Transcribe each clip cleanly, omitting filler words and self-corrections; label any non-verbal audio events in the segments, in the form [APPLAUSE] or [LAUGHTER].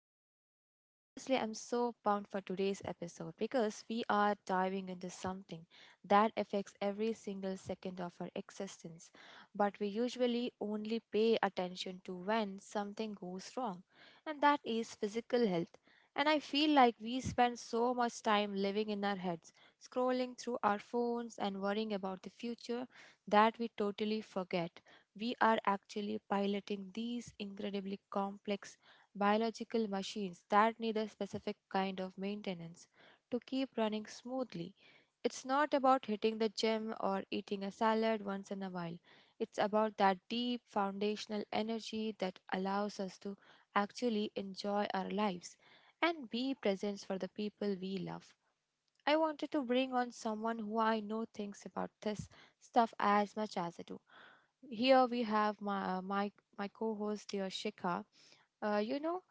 show. And honestly, I'm so pumped for today's episode because we are diving into something that affects every single second of our existence, but we usually only pay attention to when something goes wrong, and that is physical health. And I feel like we spend so much time living in our heads, scrolling through our phones, and worrying about the future that we totally forget we are actually piloting these incredibly complex biological machines that need a specific kind of maintenance to keep running smoothly. It's not about hitting the gym or eating a salad once in a while. It's about that deep foundational energy that allows us to actually enjoy our lives and be present for the people we love. I wanted to bring on someone who I know thinks about this stuff as much as I do. Here we have my co-host dear Shikha. Uh, you know,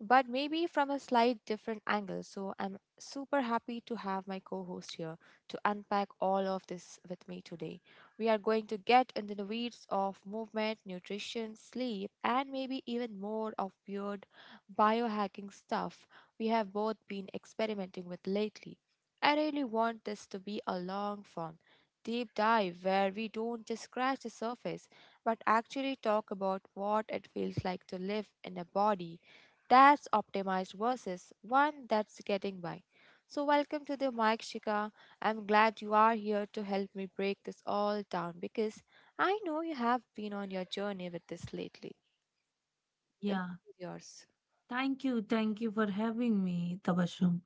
but maybe from a slight different angle. So I'm super happy to have my co host here to unpack all of this with me today. We are going to get into the weeds of movement, nutrition, sleep, and maybe even more of weird biohacking stuff we have both been experimenting with lately. I really want this to be a long form deep dive where we don't just scratch the surface but actually talk about what it feels like to live in a body that's optimized versus one that's getting by. So, welcome to the Mike Shika. I'm glad you are here to help me break this all down because I know you have been on your journey with this lately. The mic Yeah, is yours. thank you. Thank you for having me, Tabashum.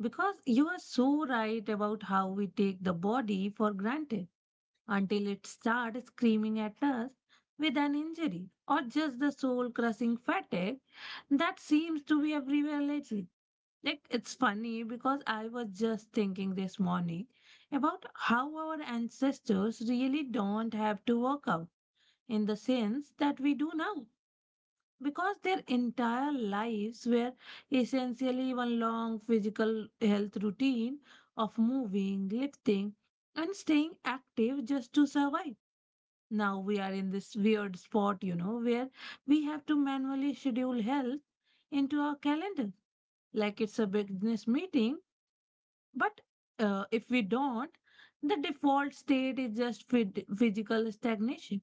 Because you are so right about how we take the body for granted until it starts screaming at us with an injury or just the soul crushing fatigue that seems to be everywhere lately. Like, it's funny because I was just thinking this morning about how our ancestors really don't have to work out in the sense that we do now because their entire lives were essentially one long physical health routine of moving, lifting, and staying active just to survive. Now we are in this weird spot, you know, where we have to manually schedule health into our calendar like it's a business meeting, but if we don't, the default state is just physical stagnation.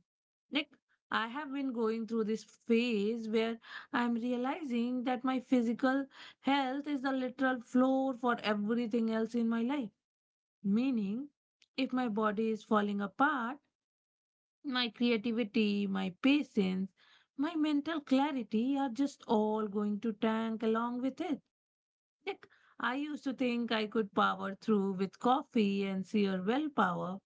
Like, I have been going through this phase where I'm realizing that my physical health is the literal floor for everything else in my life. Meaning, if my body is falling apart, my creativity, my patience, my mental clarity are just all going to tank along with it. Like, I used to think I could power through with coffee and sheer willpower,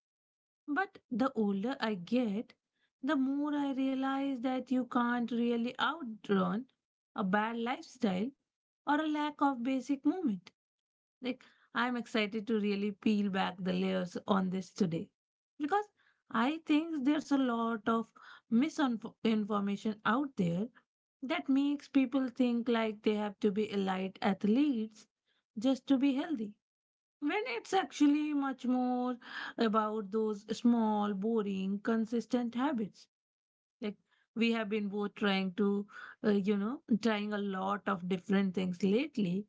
but the older I get, the more I realize that you can't really outrun a bad lifestyle or a lack of basic movement. Like, I'm excited to really peel back the layers on this today because I think there's a lot of misinformation out there that makes people think like they have to be elite athletes just to be healthy. When it's actually much more about those small, boring, consistent habits. Like, we have been both trying to, you know, trying a lot of different things lately,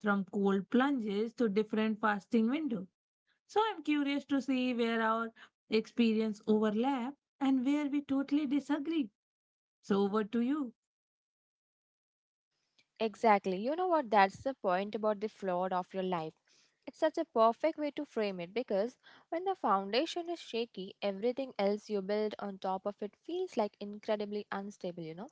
from cold plunges to different fasting windows. So I'm curious to see where our experience overlap and where we totally disagree. So over to you. Exactly. You know what? That's the point about the floor of your life. It's such a perfect way to frame it because when the foundation is shaky, everything else you build on top of it feels like incredibly unstable, you know?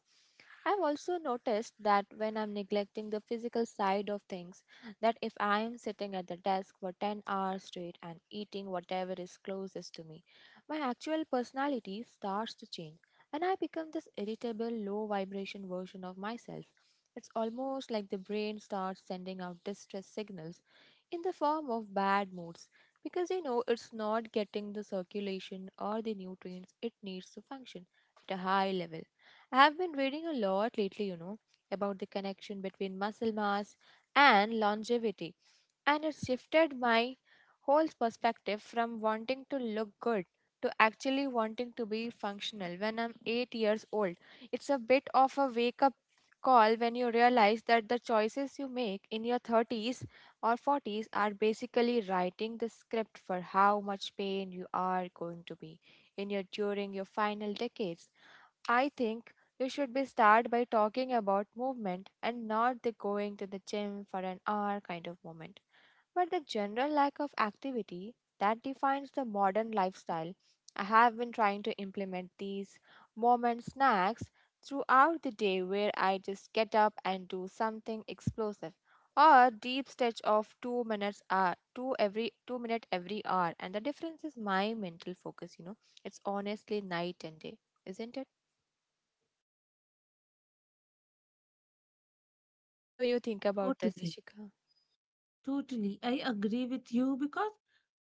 I've also noticed that when I'm neglecting the physical side of things, that if I am sitting at the desk for 10 hours straight and eating whatever is closest to me, my actual personality starts to change and I become this irritable, low vibration version of myself. It's almost like the brain starts sending out distress signals in the form of bad moods because you know it's not getting the circulation or the nutrients it needs to function at a high level. I have been reading a lot lately, you know, about the connection between muscle mass and longevity, and it shifted my whole perspective from wanting to look good to actually wanting to be functional when I'm 8 years old. It's a bit of a wake up call when you realize that the choices you make in your 30s or 40s are basically writing the script for how much pain you are going to be in your during your final decades. I think you should be start by talking about movement, and not the going to the gym for an hour kind of moment, but the general lack of activity that defines the modern lifestyle. I have been trying to implement these moment snacks throughout the day where I just get up and do something explosive or deep stretch of 2 minutes hour, 2 every 2-minute every hour, and the difference is my mental focus, you know. It's honestly night and day, isn't it? What do you think about this, Totally. Shika? Totally. I agree with you because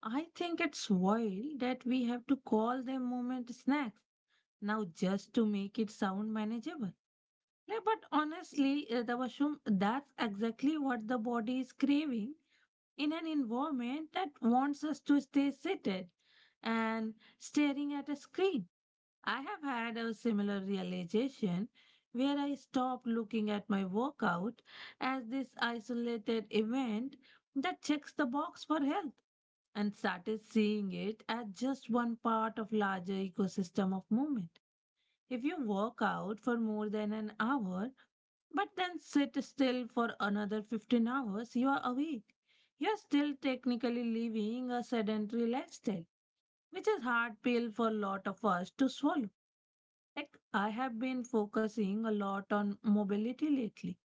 I think it's wild that we have to call them moment snacks now just to make it sound manageable. Yeah, but honestly, Dabashum, that's exactly what the body is craving in an environment that wants us to stay seated and staring at a screen. I have had a similar realization where I stopped looking at my workout as this isolated event that checks the box for health and started seeing it as just one part of larger ecosystem of movement. If you work out for more than an hour but then sit still for another 15 hours, you are awake. You're still technically living a sedentary lifestyle, which is hard pill for a lot of us to swallow. Like, I have been focusing a lot on mobility lately.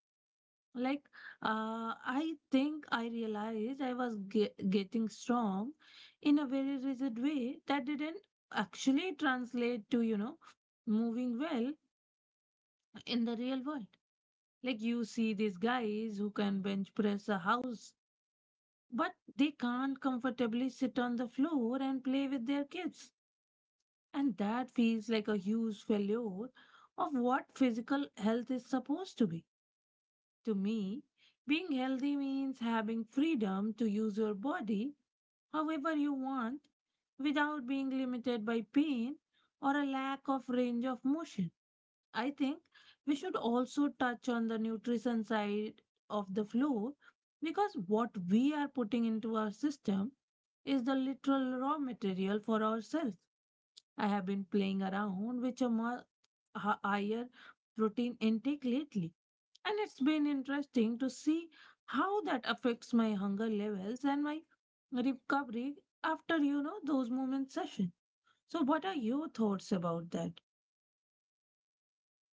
Like, I think I realized I was getting strong in a very rigid way that didn't actually translate to, moving well in the real world. Like, you see these guys who can bench press a house, but they can't comfortably sit on the floor and play with their kids. And that feels like a huge failure of what physical health is supposed to be. To me, being healthy means having freedom to use your body however you want without being limited by pain or a lack of range of motion. I think we should also touch on the nutrition side of the floor because what we are putting into our system is the literal raw material for ourselves. I have been playing around with a much higher protein intake lately, and it's been interesting to see how that affects my hunger levels and my recovery after, those movement sessions. So what are your thoughts about that?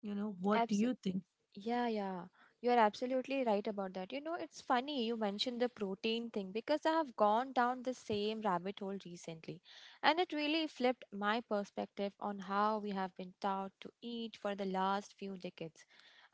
You know, what do Abs- you think? yeah, yeah, you're absolutely right about that. You know, it's funny you mentioned the protein thing because I have gone down the same rabbit hole recently. And it really flipped my perspective on how we have been taught to eat for the last few decades.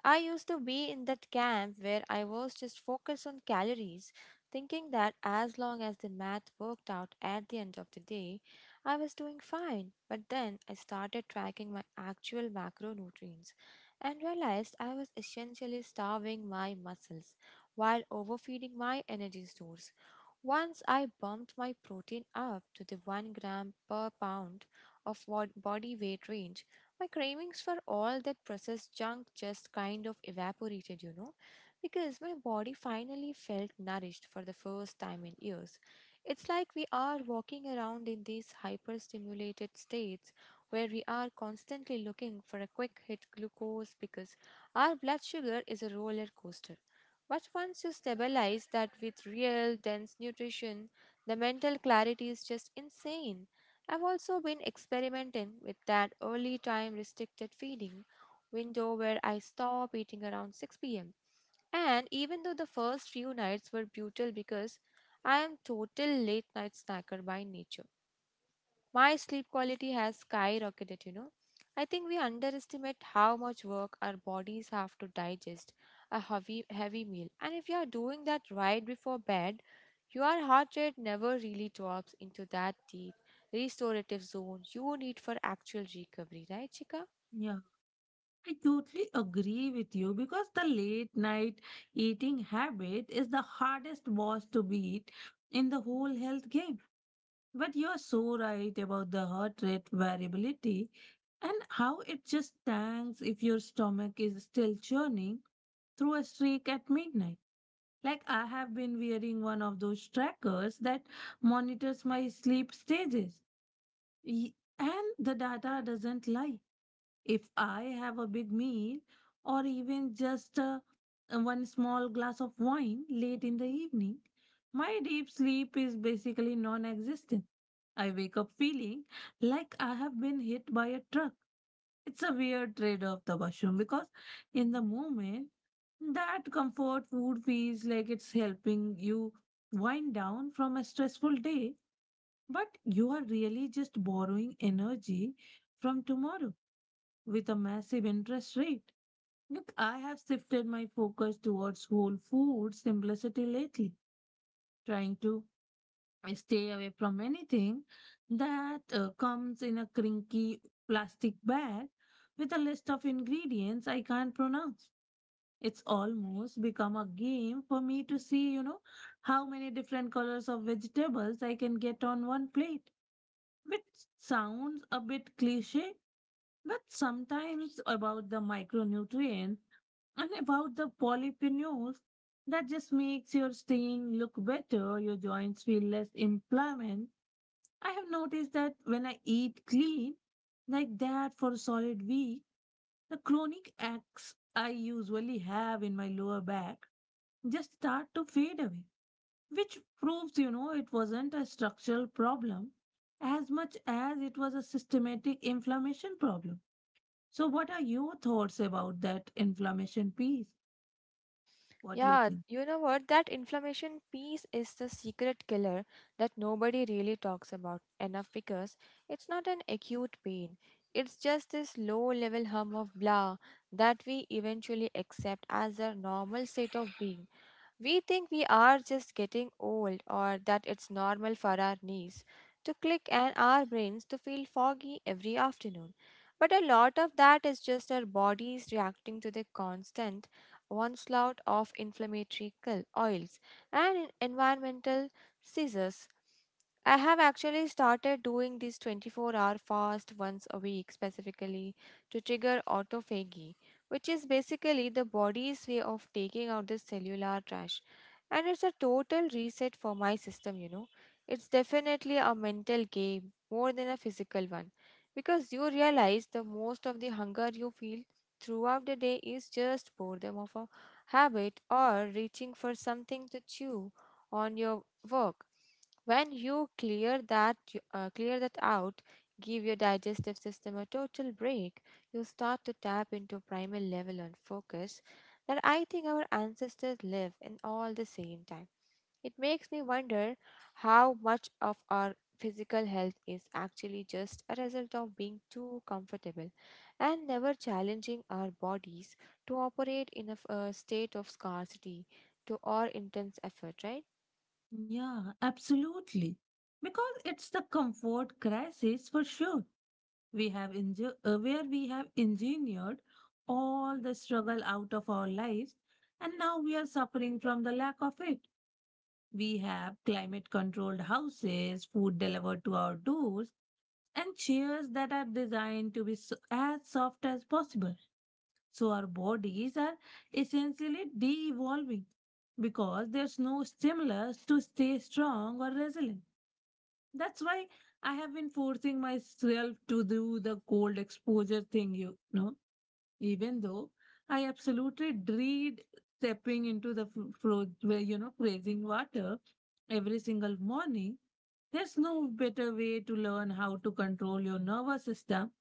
I used to be in that camp where I was just focused on calories, thinking that as long as the math worked out at the end of the day, I was doing fine. But then I started tracking my actual macronutrients and realized I was essentially starving my muscles while overfeeding my energy stores. Once I bumped my protein up to the 1 gram per pound of body weight range, my cravings for all that processed junk just kind of evaporated, you know, because my body finally felt nourished for the first time in years. It's like we are walking around in these hyperstimulated states where we are constantly looking for a quick hit glucose because our blood sugar is a roller coaster. But once you stabilize that with real dense nutrition, the mental clarity is just insane. I've also been experimenting with that early time restricted feeding window where I stop eating around 6 pm. And even though the first few nights were brutal because I am total late night snacker by nature, my sleep quality has skyrocketed, you know. I think we underestimate how much work our bodies have to digest a heavy meal. And if you are doing that right before bed, your heart rate never really drops into that deep restorative zone you need for actual recovery, right, Chika? Yeah, I totally agree with you because the late night eating habit is the hardest boss to beat in the whole health game. But you're so right about the heart rate variability and how it just tanks if your stomach is still churning through a streak at midnight. Like, I have been wearing one of those trackers that monitors my sleep stages. And the data doesn't lie. If I have a big meal or even just one small glass of wine late in the evening, my deep sleep is basically non existent. I wake up feeling like I have been hit by a truck. It's a weird trade off, the washroom, because in the moment, that comfort food feels like it's helping you wind down from a stressful day, but you are really just borrowing energy from tomorrow with a massive interest rate. Look, I have shifted my focus towards whole food simplicity lately, trying to stay away from anything that comes in a crinky plastic bag with a list of ingredients I can't pronounce. It's almost become a game for me to see how many different colors of vegetables I can get on one plate, which sounds a bit cliche, but sometimes about the micronutrients and about the polyphenols, that just makes your skin look better, your joints feel less inflamed. I have noticed that when I eat clean, like that for a solid week, the chronic aches I usually have in my lower back just start to fade away, which proves, you know, it wasn't a structural problem as much as it was a systematic inflammation problem. So, what are your thoughts about that inflammation piece? What do you Yeah, think? you know what? That inflammation piece is the secret killer that nobody really talks about enough because it's not an acute pain. It's just this low level hum of blah that we eventually accept as a normal state of being. We think we are just getting old, or that it's normal for our knees to click and our brains to feel foggy every afternoon. But a lot of that is just our bodies reacting to the constant one slot of inflammatory oils, and environmental scissors. I have actually started doing this 24-hour fast once a week specifically to trigger autophagy, which is basically the body's way of taking out the cellular trash. And it's a total reset for my system, you know. It's definitely a mental game more than a physical one because you realize the most of the hunger you feel throughout the day is just boredom of a habit, or reaching for something to chew on your work. When you clear that out, give your digestive system a total break, you start to tap into primal level and focus that I think our ancestors live in all the same time. It makes me wonder how much of our physical health is actually just a result of being too comfortable and never challenging our bodies to operate in a, a state of scarcity to or intense effort, right? Yeah, absolutely. Because it's the comfort crisis for sure. We have where we have engineered all the struggle out of our lives, and now we are suffering from the lack of it. We have climate controlled houses, food delivered to our doors, and chairs that are designed to be as soft as possible. So our bodies are essentially de evolving because there's no stimulus to stay strong or resilient. That's why I have been forcing myself to do the cold exposure thing, you know, even though I absolutely dread stepping into the where freezing water every single morning. There's no better way to learn how to control your nervous system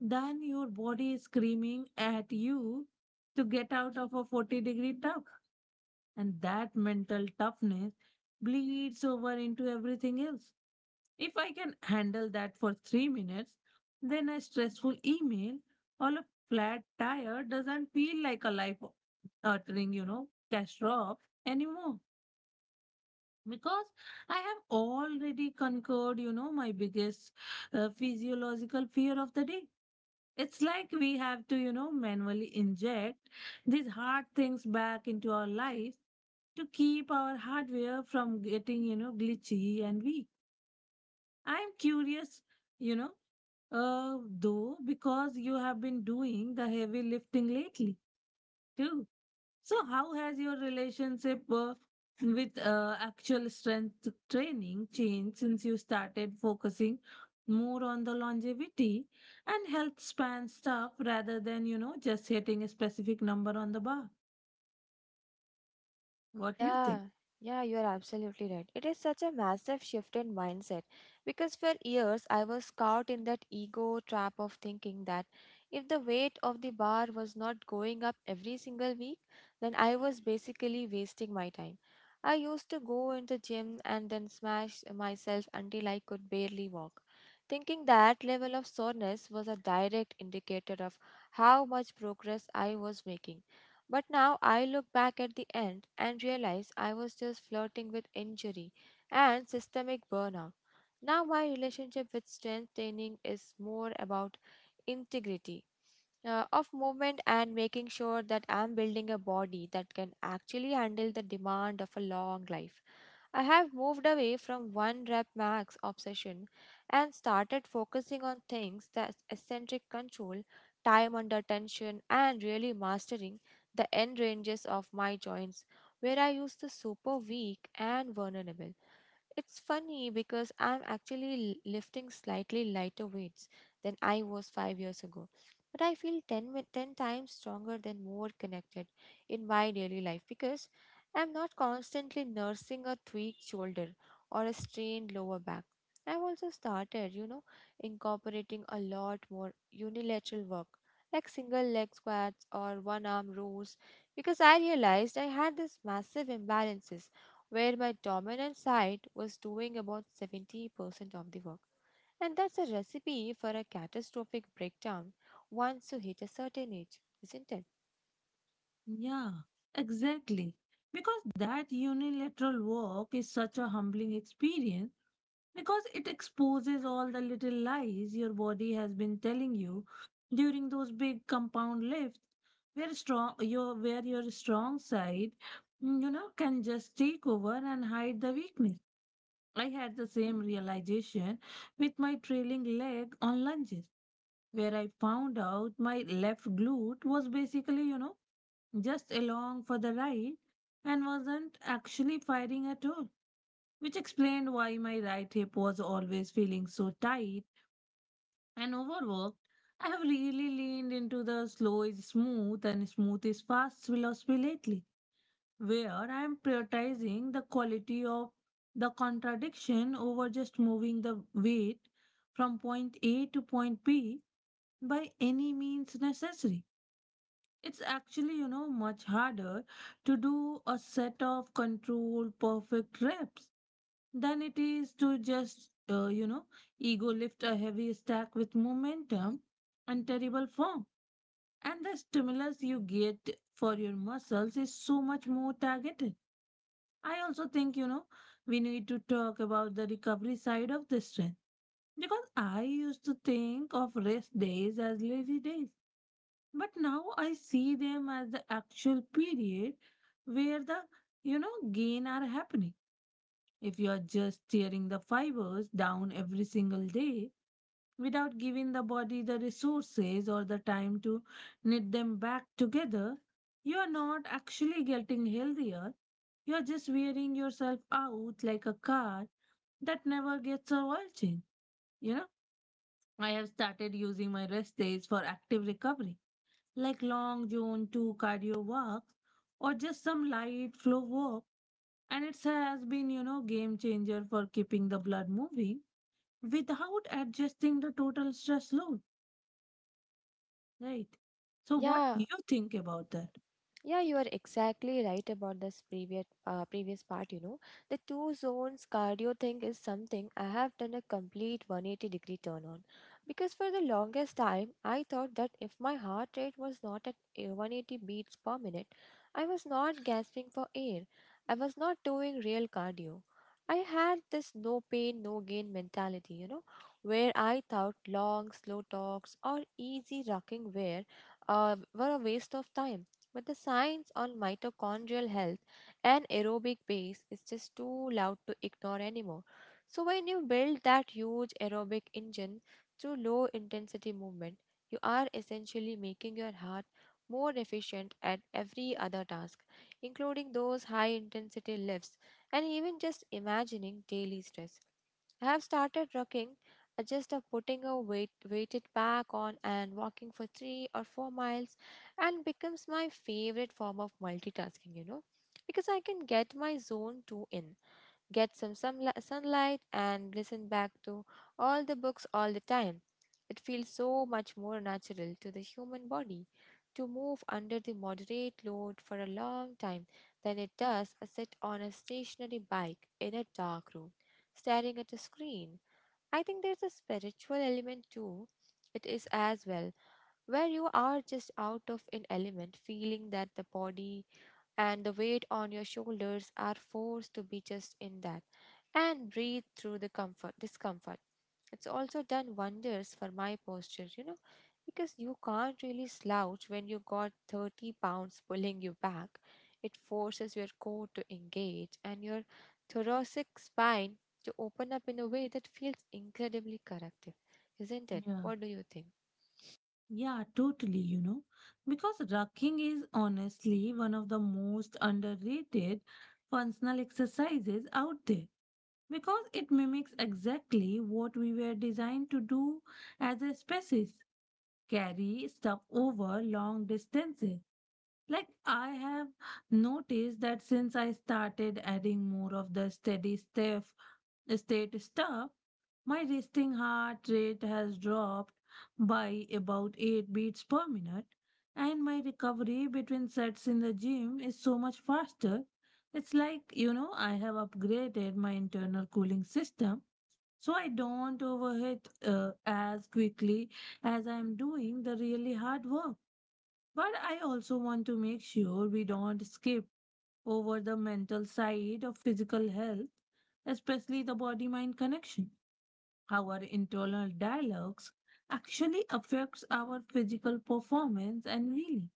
than your body is screaming at you to get out of a 40-degree tub. And that mental toughness bleeds over into everything else. If I can handle that for 3 minutes, then a stressful email or a flat tire doesn't feel like a life altering, you know, catastrophe anymore. Because I have already conquered, my biggest physiological fear of the day. It's like we have to, you know, manually inject these hard things back into our life to keep our hardware from getting glitchy and weak. I'm curious, you know, though, because you have been doing the heavy lifting lately too. So, how has your relationship with actual strength training changed since you started focusing more on the longevity and health span stuff rather than just hitting a specific number on the bar? What do you think? Yeah, yeah, you are absolutely right. It is such a massive shift in mindset because for years I was caught in that ego trap of thinking that if the weight of the bar was not going up every single week, then I was basically wasting my time. I used to go in the gym and then smash myself until I could barely walk, thinking that level of soreness was a direct indicator of how much progress I was making. But now I look back at the end and realize I was just flirting with injury and systemic burnout. Now my relationship with strength training is more about integrity of movement and making sure that I'm building a body that can actually handle the demand of a long life. I have moved away from one rep max obsession and started focusing on things that eccentric control, time under tension, and really mastering the end ranges of my joints where I used to super weak and vulnerable. It's funny because I'm actually lifting slightly lighter weights than I was 5 years ago. But I feel 10, 10 times stronger than more connected in my daily life because I'm not constantly nursing a tweaked shoulder or a strained lower back. I've also started, you know, incorporating a lot more unilateral work like single leg squats or one arm rows because I realized I had this massive imbalances where my dominant side was doing about 70% of the work. And that's a recipe for a catastrophic breakdown once you hit a certain age, isn't it? Yeah, exactly. Because that unilateral walk is such a humbling experience. Because it exposes all the little lies your body has been telling you during those big compound lifts where strong your where your strong side can just take over and hide the weakness. I had the same realization with my trailing leg on lunges where I found out my left glute was basically, just along for the ride and wasn't actually firing at all, which explained why my right hip was always feeling so tight and overworked. I have really leaned into the slow is smooth and smooth is fast philosophy lately, where I am prioritizing the quality of the contradiction over just moving the weight from point A to point B by any means necessary. It's actually, much harder to do a set of controlled perfect reps than it is to just ego lift a heavy stack with momentum and terrible form. And the stimulus you get for your muscles is so much more targeted. I also think we need to talk about the recovery side of this strength because I used to think of rest days as lazy days, but now I see them as the actual period where the gain are happening. If you are just tearing the fibers down every single day without giving the body the resources or the time to knit them back together, you are not actually getting healthier. You are just wearing yourself out like a car that never gets a oil change. You know, I have started using my rest days for active recovery like long June 2 cardio walks or just some light flow work. And it has been game changer for keeping the blood moving without adjusting the total stress load, right? So what do Yeah, you think about that? yeah, you are exactly right about this previous part, you know. The two zones cardio thing is something I have done a complete 180 degree turn on. Because for the longest time, I thought that if my heart rate was not at 180 beats per minute, I was not gasping for air. I was not doing real cardio. I had this no pain, no gain mentality, you know, where I thought long, slow talks or easy rocking wear were a waste of time, but the science on mitochondrial health and aerobic base is just too loud to ignore anymore. So, when you build that huge aerobic engine through low intensity movement, you are essentially making your heart more efficient at every other task, including those high intensity lifts and even just imagining daily stress. I have started rocking just putting a weighted pack on and walking for 3 or 4 miles and becomes my favorite form of multitasking, because I can get my zone 2 in, get some sunlight, and listen back to all the books all the time. It feels so much more natural to the human body to move under the moderate load for a long time than it does a sit on a stationary bike in a dark room, staring at a screen. I think there's a spiritual element too. It is as well where you are just out of an element, feeling that the body and the weight on your shoulders are forced to be just in that and breathe through the comfort discomfort. It's also done wonders for my posture, you know, because you can't really slouch when you got 30 pounds pulling you back. It forces your core to engage and your thoracic spine to open up in a way that feels incredibly corrective, isn't it? Yeah. What do you think? Yeah, totally, you know, because rocking is honestly one of the most underrated functional exercises out there because it mimics exactly what we were designed to do as a species, carry stuff over long distances. Like, I have noticed that since I started adding more of the steady stuff, state stuff, my resting heart rate has dropped by about 8 beats per minute and my recovery between sets in the gym is so much faster. It's like, you know, I have upgraded my internal cooling system so I don't overheat as quickly as I'm doing the really hard work. But I also want to make sure we don't skip over the mental side of physical health, especially the body mind connection. Our internal dialogues actually affects our physical performance and healing.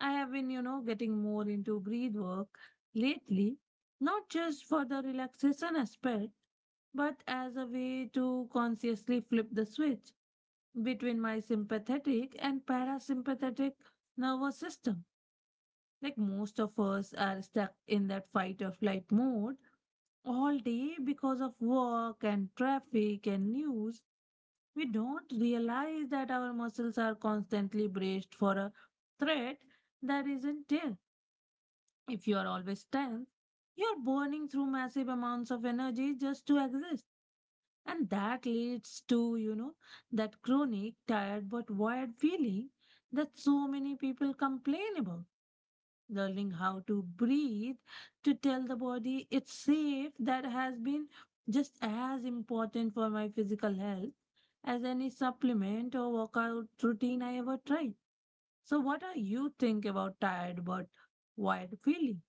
I have been, you know, getting more into breathe work lately, not just for the relaxation aspect, but as a way to consciously flip the switch between my sympathetic and parasympathetic nervous system. Like, most of us are stuck in that fight or flight mode all day because of work and traffic and news. We don't realize that our muscles are constantly braced for a threat that isn't there. If you are always tense, you are burning through massive amounts of energy just to exist. And that leads to, you know, that chronic, tired but wired feeling that so many people complain about. Learning how to breathe to tell the body it's safe, that has been just as important for my physical health as any supplement or workout routine I ever tried. So, what do you think about tired but wired feeling?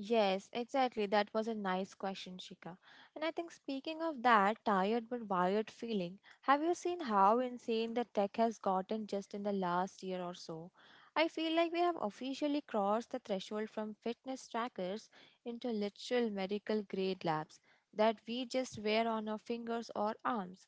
Yes, exactly. That was a nice question, Shika. And I think speaking of that tired but wired feeling, have you seen how insane the tech has gotten just in the last year or so? I feel like we have officially crossed the threshold from fitness trackers into literal medical grade labs that we just wear on our fingers or arms.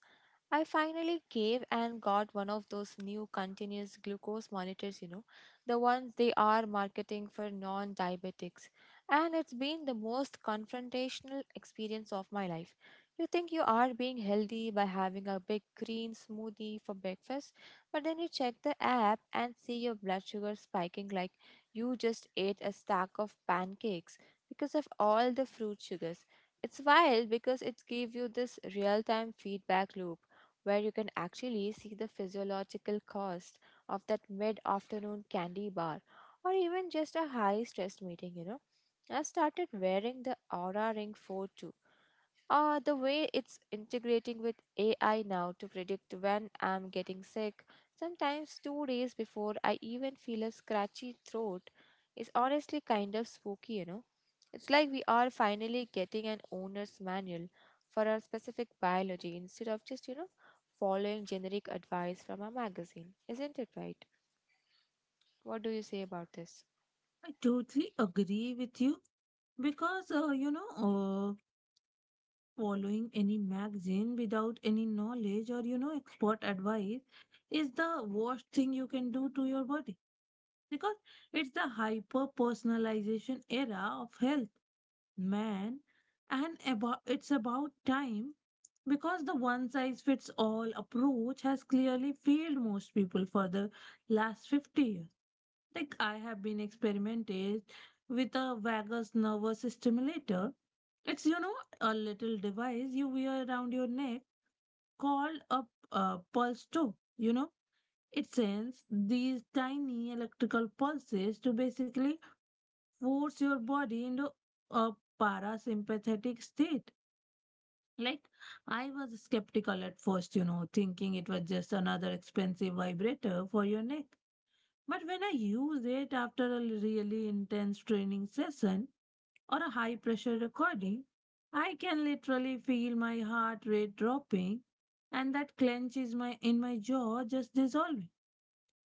I finally gave and got one of those new continuous glucose monitors, you know, the ones they are marketing for non diabetics. And it's been the most confrontational experience of my life. You think you are being healthy by having a big green smoothie for breakfast, but then you check the app and see your blood sugar spiking like you just ate a stack of pancakes because of all the fruit sugars. It's wild because it gives you this real time feedback loop where you can actually see the physiological cost of that mid afternoon candy bar or even just a high stress meeting, you know. I started wearing the Aura Ring 4, the way it's integrating with AI now to predict when I'm getting sick, sometimes 2 days before I even feel a scratchy throat, is honestly kind of spooky, you know. It's like we are finally getting an owner's manual for our specific biology instead of just, following generic advice from a magazine. Isn't it right? What do you say about this? I totally agree with you because, you know, following any magazine without any knowledge or, you know, expert advice is the worst thing you can do to your body because it's the hyper personalization era of health, man. It's about time because the one size fits all approach has clearly failed most people for the last 50 years. Like, I have been experimented with a vagus nervous stimulator. It's, you know, a little device you wear around your neck called a pulse toe. You know, it sends these tiny electrical pulses to basically force your body into a parasympathetic state. Like, I was skeptical at first, you know, thinking it was just another expensive vibrator for your neck. But when I use it after a really intense training session or a high pressure recording, I can literally feel my heart rate dropping and that clench is my in my jaw just dissolving.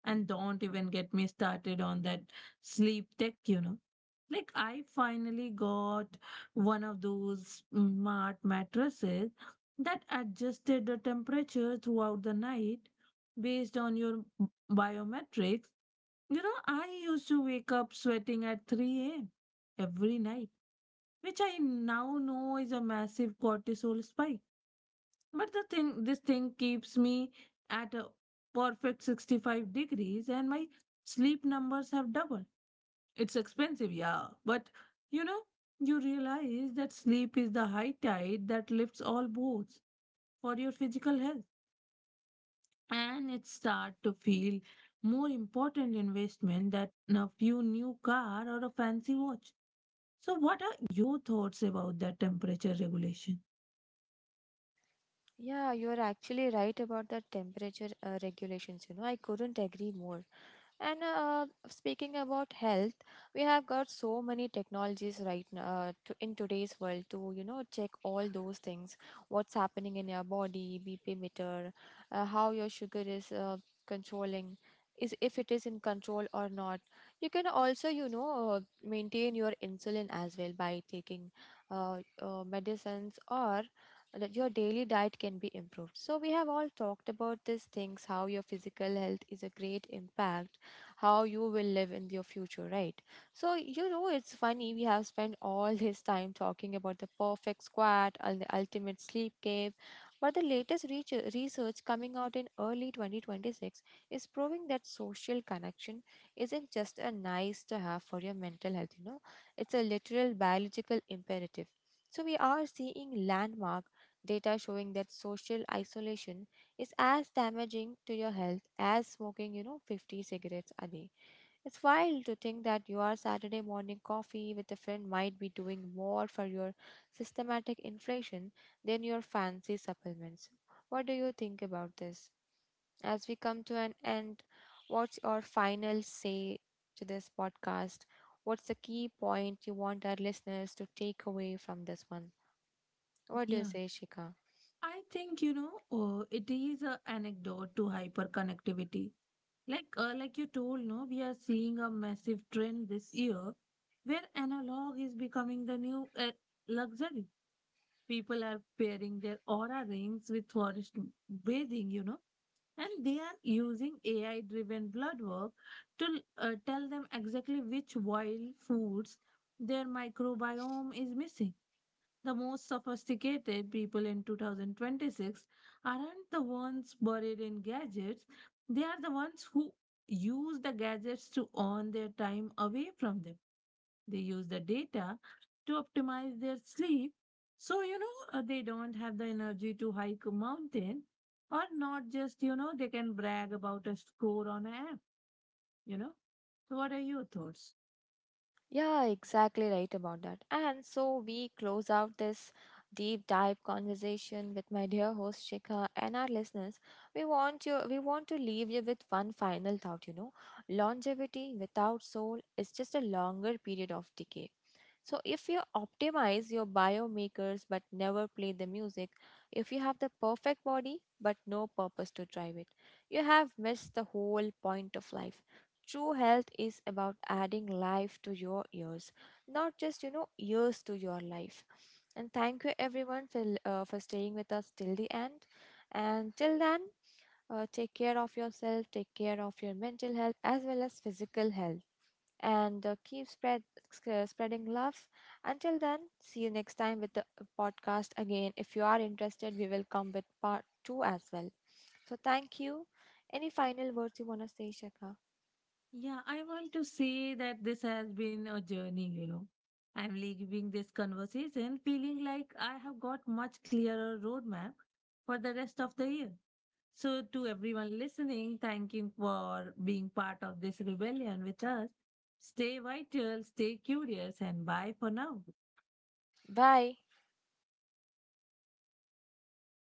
And don't even get me started on that sleep tech, you know. Like, I finally got one of those smart mattresses that adjusted the temperature throughout the night based on your biometrics. You know, I used to wake up sweating at 3 a.m. every night, which I now know is a massive cortisol spike. But this thing keeps me at a perfect 65 degrees and my sleep numbers have doubled. It's expensive, yeah, but you know, you realize that sleep is the high tide that lifts all boats for your physical health. And it start to feel more important investment than a few new car or a fancy watch. So, what are your thoughts about that temperature regulation? Yeah, you are actually right about the temperature regulations. You know, I couldn't agree more. And speaking about health, we have got so many technologies right now in today's world to check all those things, what's happening in your body, BP meter, how your sugar is controlling, is if it is in control or not. You can also maintain your insulin as well by taking medicines or that your daily diet can be improved. So, we have all talked about these things how your physical health is a great impact, how you will live in your future, right? So, you know, it's funny we have spent all [LAUGHS] this time talking about the perfect squat and the ultimate sleep cave, but the latest research coming out in early 2026 is proving that social connection isn't just a nice to have for your mental health, you know, it's a literal biological imperative. So we are seeing landmark data showing that social isolation is as damaging to your health as smoking, you know, 50 cigarettes a day. It's wild to think that your Saturday morning coffee with a friend might be doing more for your systematic inflation than your fancy supplements. What do you think about this? As we come to an end, what's your final say to this podcast? What's the key point you want our listeners to take away from this one? What do you Yeah, say, Shika? I think, you know, it is an anecdote to hyperconnectivity. Like, like you told, no, we are seeing a massive trend this year where analog is becoming the new luxury. People are pairing their aura rings with forest bathing, you know, and they are using AI driven blood work to tell them exactly which wild foods their microbiome is missing. The most sophisticated people in 2026 aren't the ones buried in gadgets, they are the ones who use the gadgets to earn their time away from them. They use the data to optimize their sleep so, you know, they don't have the energy to hike a mountain or not just, you know, they can brag about a score on an app, you know. So, what are your thoughts? Yeah, exactly right about that. And so we close out this deep dive conversation with my dear host Shikha and our listeners. We want to leave you with one final thought, you know. Longevity without soul is just a longer period of decay. So, if you optimize your biomakers but never play the music, if you have the perfect body but no purpose to drive it, you have missed the whole point of life. True health is about adding life to your years, not just, you know, years to your life. And thank you everyone for staying with us till the end. And till then, take care of yourself, take care of your mental health as well as physical health and spreading love. Until then, see you next time with the podcast again. If you are interested, we will come with part two as well. So, thank you. Any final words you want to say, Shaka? Yeah, I want to say that this has been a journey, you know. I'm leaving this conversation feeling like I have got much clearer roadmap for the rest of the year. So to everyone listening, thank you for being part of this rebellion with us. Stay vital, stay curious, and bye for now. Bye.